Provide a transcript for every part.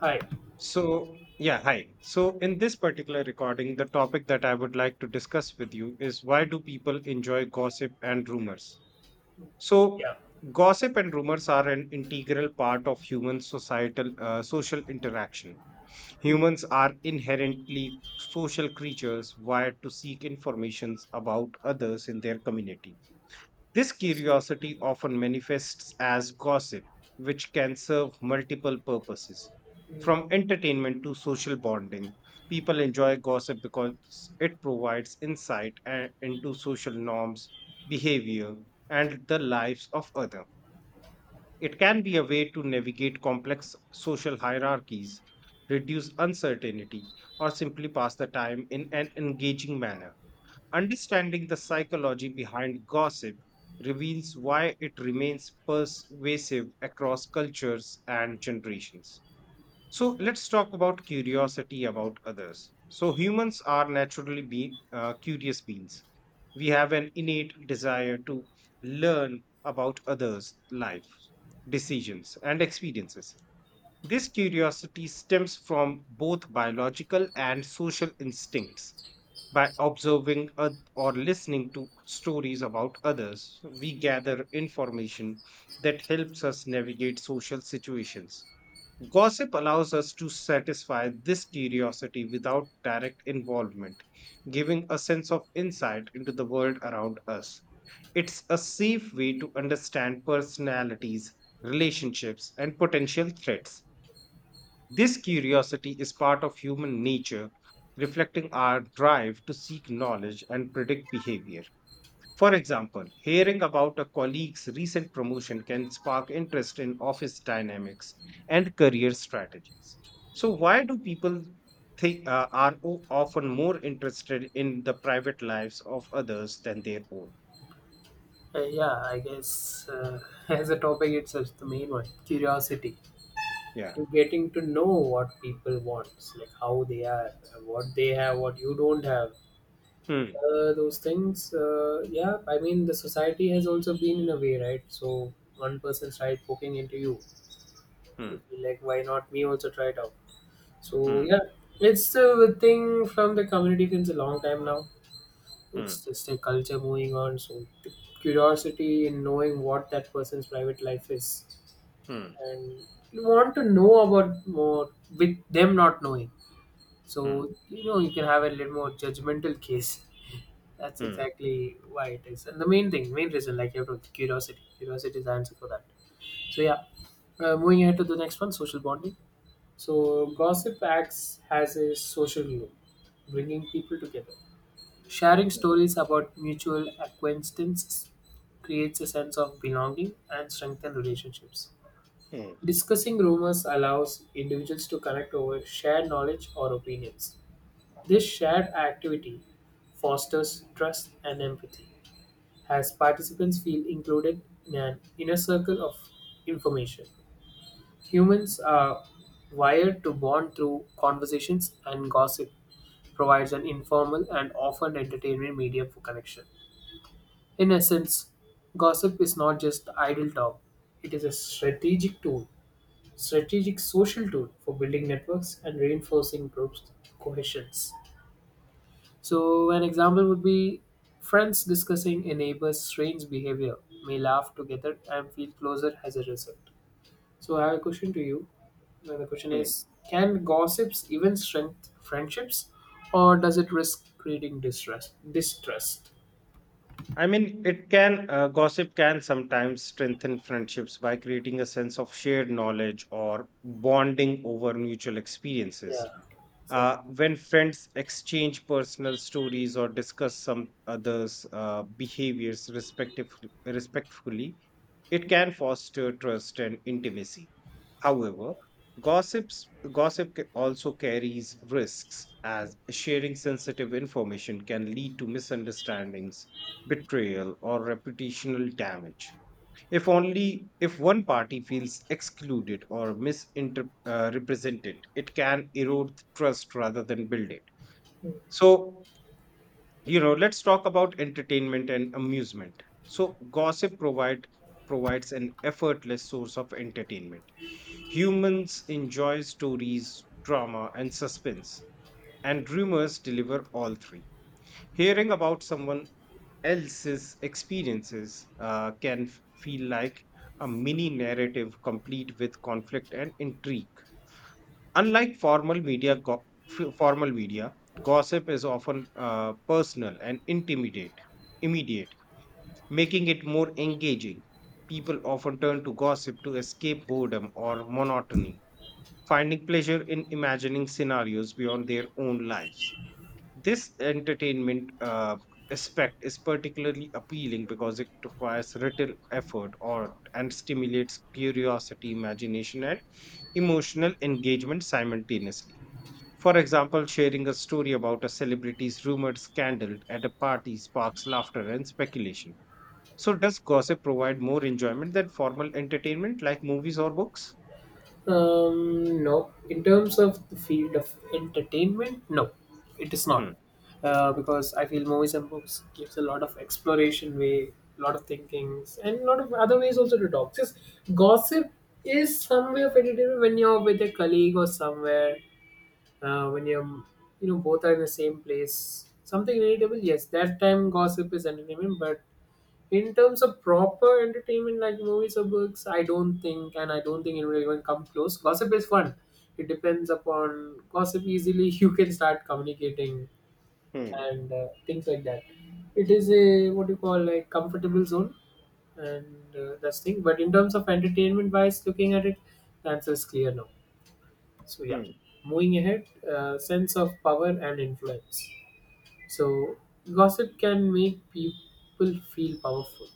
Hi. So, yeah, hi. So, in this particular recording, the topic that I would like to discuss with you is why do people enjoy gossip and rumors? So, Yeah. gossip and rumors are an integral part of human societal social interaction. Humans are inherently social creatures wired to seek informations about others in their community. This curiosity often manifests as gossip, which can serve multiple purposes. From entertainment to social bonding, people enjoy gossip because it provides insight into social norms, behavior, and the lives of others. It can be a way to navigate complex social hierarchies, reduce uncertainty, or simply pass the time in an engaging manner. Understanding the psychology behind gossip reveals why it remains pervasive across cultures and generations. So, let's talk about curiosity about others. So, humans are naturally curious beings. We have an innate desire to learn about others' life, decisions, and experiences. This curiosity stems from both biological and social instincts. By observing or listening to stories about others, we gather information that helps us navigate social situations. Gossip allows us to satisfy this curiosity without direct involvement, giving a sense of insight into the world around us. It's a safe way to understand personalities, relationships, and potential threats. This curiosity is part of human nature, reflecting our drive to seek knowledge and predict behavior. For example, hearing about a colleague's recent promotion can spark interest in office dynamics and career strategies. So, why do people think, are often more interested in the private lives of others than their own? Yeah, I guess as a topic, it's just the main one, curiosity. Yeah. Getting to know what people want, like how they are, what they have, what you don't have. Hmm. Those things, yeah, I mean, the society has also been in a way, right? So one person tried poking into you. Hmm. You feel like, why not me also try it out? So, Hmm. yeah, it's a thing from the community since a long time now. It's Hmm. just a culture moving on, so the curiosity in knowing what that person's private life is, Hmm. and you want to know about more with them not knowing, so Hmm. You can have a little more judgmental case. That's Hmm. exactly why it is, and the main reason, like, you have to, curiosity is the answer for that. So yeah, moving ahead to the next one, social bonding. So gossip acts as a social glue, bringing people together. Sharing stories about mutual acquaintances creates a sense of belonging and strengthens relationships. Hmm. Discussing rumors allows individuals to connect over shared knowledge or opinions. This shared activity fosters trust and empathy, as participants feel included in an inner circle of information. Humans are wired to bond through conversations, and gossip provides an informal and often entertaining medium for connection. In essence, gossip is not just idle talk, it is a strategic social tool for building networks and reinforcing groups' cohesions. So, an example would be friends discussing a neighbor's strange behavior may laugh together and feel closer as a result. So, I have a question to you. Now, the question Hmm. is, can gossips even strengthen friendships, or does it risk creating distrust? Distrust. I mean, gossip can sometimes strengthen friendships by creating a sense of shared knowledge or bonding over mutual Yeah, experiences. exactly. When friends exchange personal stories or discuss some others' behaviors respectfully, it can foster trust and intimacy. However, gossip also carries risks, as sharing sensitive information can lead to misunderstandings, betrayal, or reputational damage. If only if one party feels excluded or misrepresented, it can erode trust rather than build it. So, let's talk about entertainment and amusement. So, gossip provides an effortless source of entertainment. Humans enjoy stories, drama, and suspense, and rumors deliver all three. Hearing about someone else's experiences can feel like a mini narrative complete with conflict and intrigue. Unlike formal media, f- formal media gossip is often personal and immediate, making it more engaging. People often turn to gossip to escape boredom or monotony, finding pleasure in imagining scenarios beyond their own lives. This entertainment aspect is particularly appealing because it requires little effort or and stimulates curiosity, imagination, and emotional engagement simultaneously. For example, sharing a story about a celebrity's rumored scandal at a party sparks laughter and speculation. So, does gossip provide more enjoyment than formal entertainment like movies or books? No. In terms of the field of entertainment, no, it is not. Hmm. Because I feel movies and books gives a lot of exploration way, a lot of thinkings, and a lot of other ways also to talk. Just gossip is some way of entertainment when you're with a colleague or somewhere, when you're, both are in the same place. Something relatable, yes. That time gossip is entertainment, but in terms of proper entertainment like movies or books, I don't think, and I don't think it will even come close. Gossip is fun, it depends upon gossip easily. you can start communicating Hmm. and things like that. It is a, what you call, like, comfortable zone, and that's thing. But in terms of entertainment wise, looking at it, the answer is clear now. So yeah, Hmm. moving ahead, sense of power and influence. So gossip can make people feel powerful,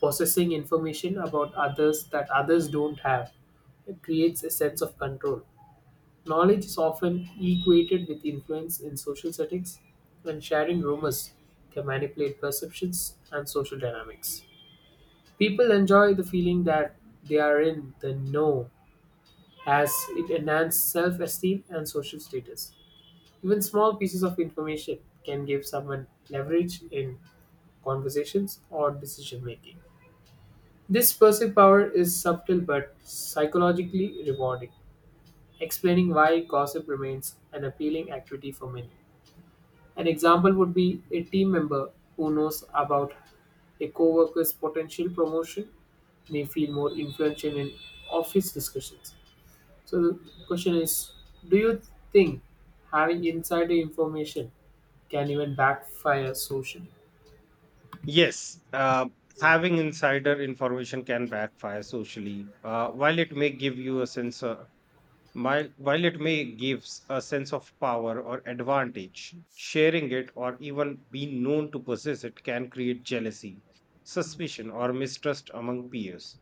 possessing information about others that others don't have. It creates a sense of control. Knowledge is often equated with influence in social settings, and sharing rumors can manipulate perceptions and social dynamics. People enjoy the feeling that they are in the know, as it enhances self-esteem and social status. Even small pieces of information can give someone leverage in conversations or decision making. This perceived power is subtle but psychologically rewarding, explaining why gossip remains an appealing activity for many. An example would be a team member who knows about a coworker's potential promotion may feel more influential in office discussions. So the question is, do you think having insider information can even backfire socially? Yes, having insider information can backfire socially. While it may give you a sense, while it may gives a sense of power or advantage, sharing it or even being known to possess it can create jealousy, suspicion, or mistrust among peers.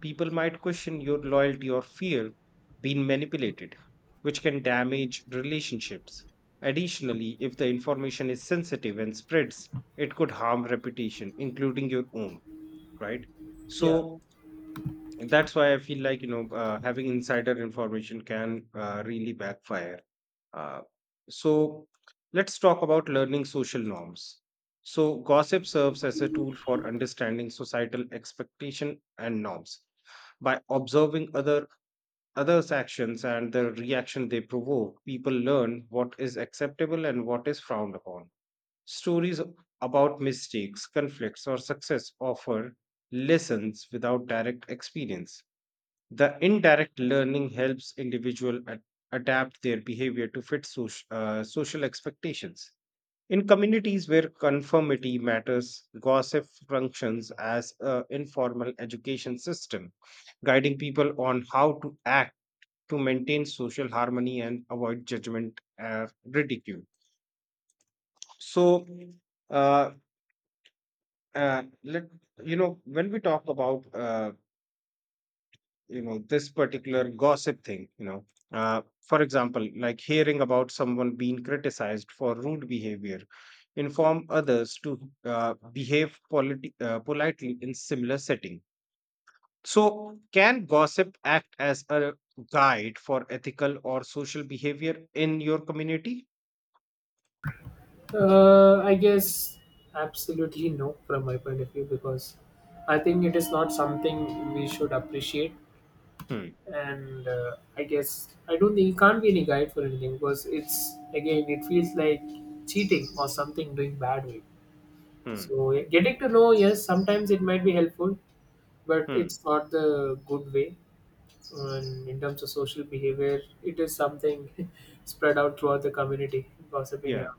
People might question your loyalty or fear being manipulated, which can damage relationships. Additionally, if the information is sensitive and spreads, it could harm reputation, including your own, right? Yeah. So, that's why I feel like, having insider information can really backfire. Uh, so let's talk about learning social norms. So, gossip serves as a tool for understanding societal expectation and norms. By observing others' actions and the reaction they provoke, people learn what is acceptable and what is frowned upon. Stories about mistakes, conflicts, or success offer lessons without direct experience. The indirect learning helps individual adapt their behavior to fit social expectations. In communities where conformity matters, gossip functions as an informal education system, guiding people on how to act to maintain social harmony and avoid judgment and ridicule. So, uh, let you know when we talk about this particular gossip thing, for example, like hearing about someone being criticized for rude behavior inform others to behave politely in similar setting. So, can gossip act as a guide for ethical or social behavior in your community? I guess absolutely no from my point of view, because I think it is not something we should appreciate, Hmm. and I guess I don't think it can't be any guide for anything, because it's again it feels like cheating or something doing bad way. Hmm. So yeah, getting to know, yes, sometimes it might be helpful, but Hmm. it's not the good way. And in terms of social behavior, it is something spread out throughout the community, gossiping Yeah. around.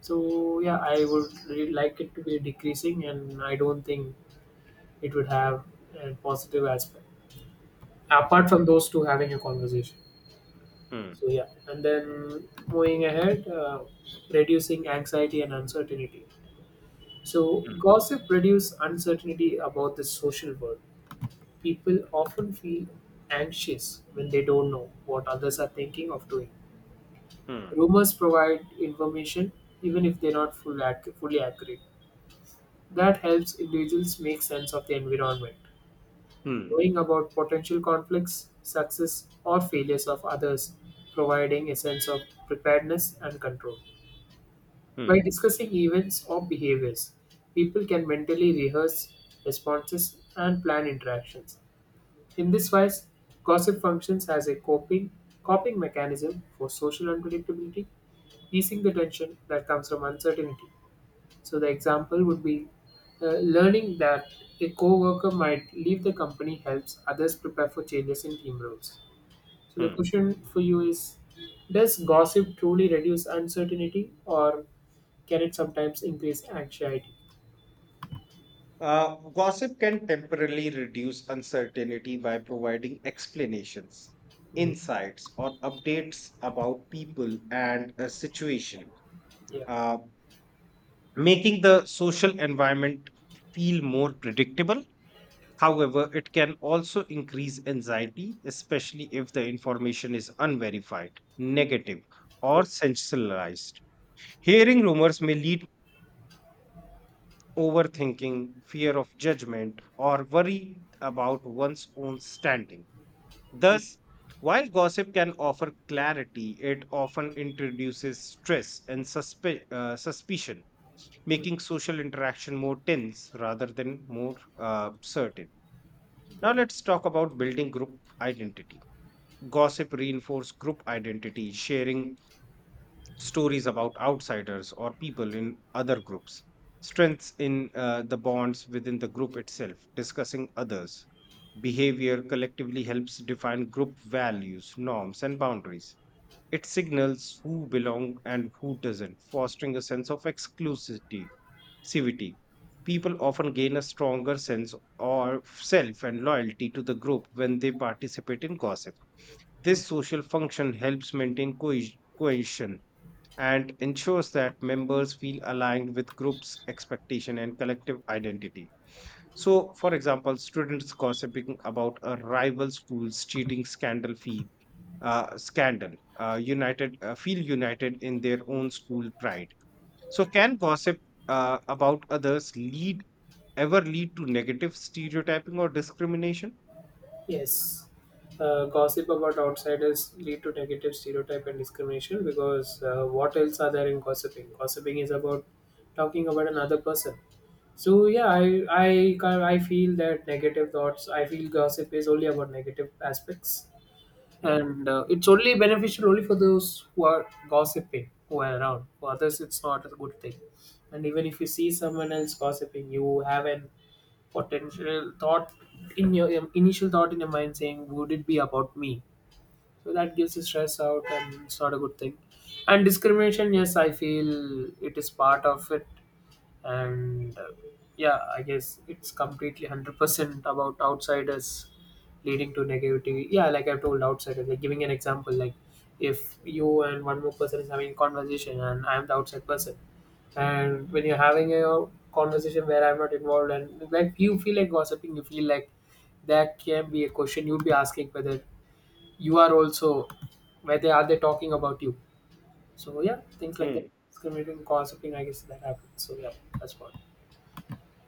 So yeah, I would really like it to be decreasing, and I don't think it would have a positive aspect apart Hmm. from those two having a conversation. Hmm. So yeah, and then moving ahead, reducing anxiety and uncertainty. So Hmm. gossip reduces uncertainty about the social world. People often feel anxious when they don't know what others are thinking of doing. Hmm. Rumors provide information even if they're not fully accurate. That helps individuals make sense of the environment, Hmm. knowing about potential conflicts, success, or failures of others, providing a sense of preparedness and control. Hmm. By discussing events or behaviors, people can mentally rehearse responses and plan interactions. In this wise, gossip functions as a coping mechanism for social unpredictability, easing the tension that comes from uncertainty. So the example would be, learning that a co-worker might leave the company helps others prepare for changes in team roles. So the Hmm. question for you is, does gossip truly reduce uncertainty, or can it sometimes increase anxiety? Gossip can temporarily reduce uncertainty by providing explanations, Mm, insights, or updates about people and a situation, yeah. uh, making the social environment feel more predictable. Mm, However, it can also increase anxiety, especially if the information is unverified, negative, or yeah. sensationalized. Hearing rumors may lead overthinking, fear of judgment, or worry about one's own standing. Thus, while gossip can offer clarity, it often introduces stress and suspicion, making social interaction more tense rather than more certain. Now, Yeah. let's talk about building group identity. Gossip reinforces group identity, sharing stories about outsiders or people in other groups, strengths in the bonds within the group itself, discussing others. Behavior collectively helps define group values, norms, and boundaries. It signals who belong and who doesn't, fostering a sense of exclusivity. exclusivity. People often gain a stronger sense of self and loyalty to the group when they participate in gossip. This social function helps maintain cohesion and ensures that members feel aligned with groups expectation and collective identity. So, for example, students gossiping about a rival school's cheating scandal uh, scandal feel united in their own school pride. So, can gossip about others lead ever lead to negative stereotyping or discrimination? Yes. Gossip about outsiders lead to negative stereotype and discrimination, because what else are there in gossiping? Gossiping is about talking about another person. So yeah, I feel that negative thoughts. I feel gossip is only about negative aspects, Hmm. and it's only beneficial only for those who are gossiping, who are around. For others, it's not a good thing. And even if you see someone else gossiping, you have an potential thought in your initial thought in your mind saying, "Would it be about me?" So that gives you stress out, and it's not a good thing. And discrimination, yes, I feel it is part of it, and yeah, I guess it's completely 100% about outsiders leading to negativity. Yeah, like I've told, outsiders, like giving an example, like if you and one more person is having a conversation and I'm the outside person, and when you're having a conversation where I'm not involved, and like you feel like gossiping, you feel like that can be a question you'd be asking whether you are also, whether are they talking about you. So yeah, things like that, Hmm. discriminating gossiping, I guess that happens. So yeah, that's what.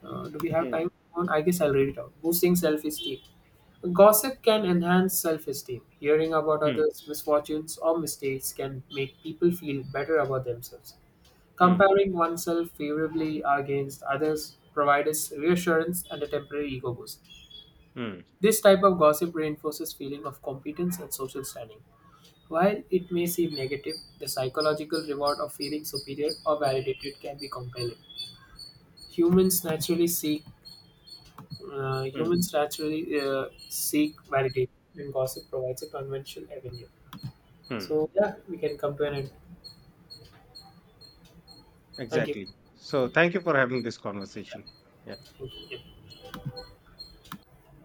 Do we have Hmm. time? I guess I'll read it out. Boosting self esteem. Gossip can enhance self esteem. Hearing about Hmm. others' misfortunes or mistakes can make people feel better about themselves. Hmm. Comparing oneself favorably against others provides reassurance and a temporary ego boost. Mm. This type of gossip reinforces feeling of competence and social standing. While it may seem negative, the psychological reward of feeling superior or validated can be compelling. Humans naturally seek Uh, Mm. humans naturally uh, seek validation, and gossip provides a conventional avenue. Mm. So yeah, we can come to an end. Thank you. Exactly. So, thank you for having this conversation. Yeah. Thank you. Yeah.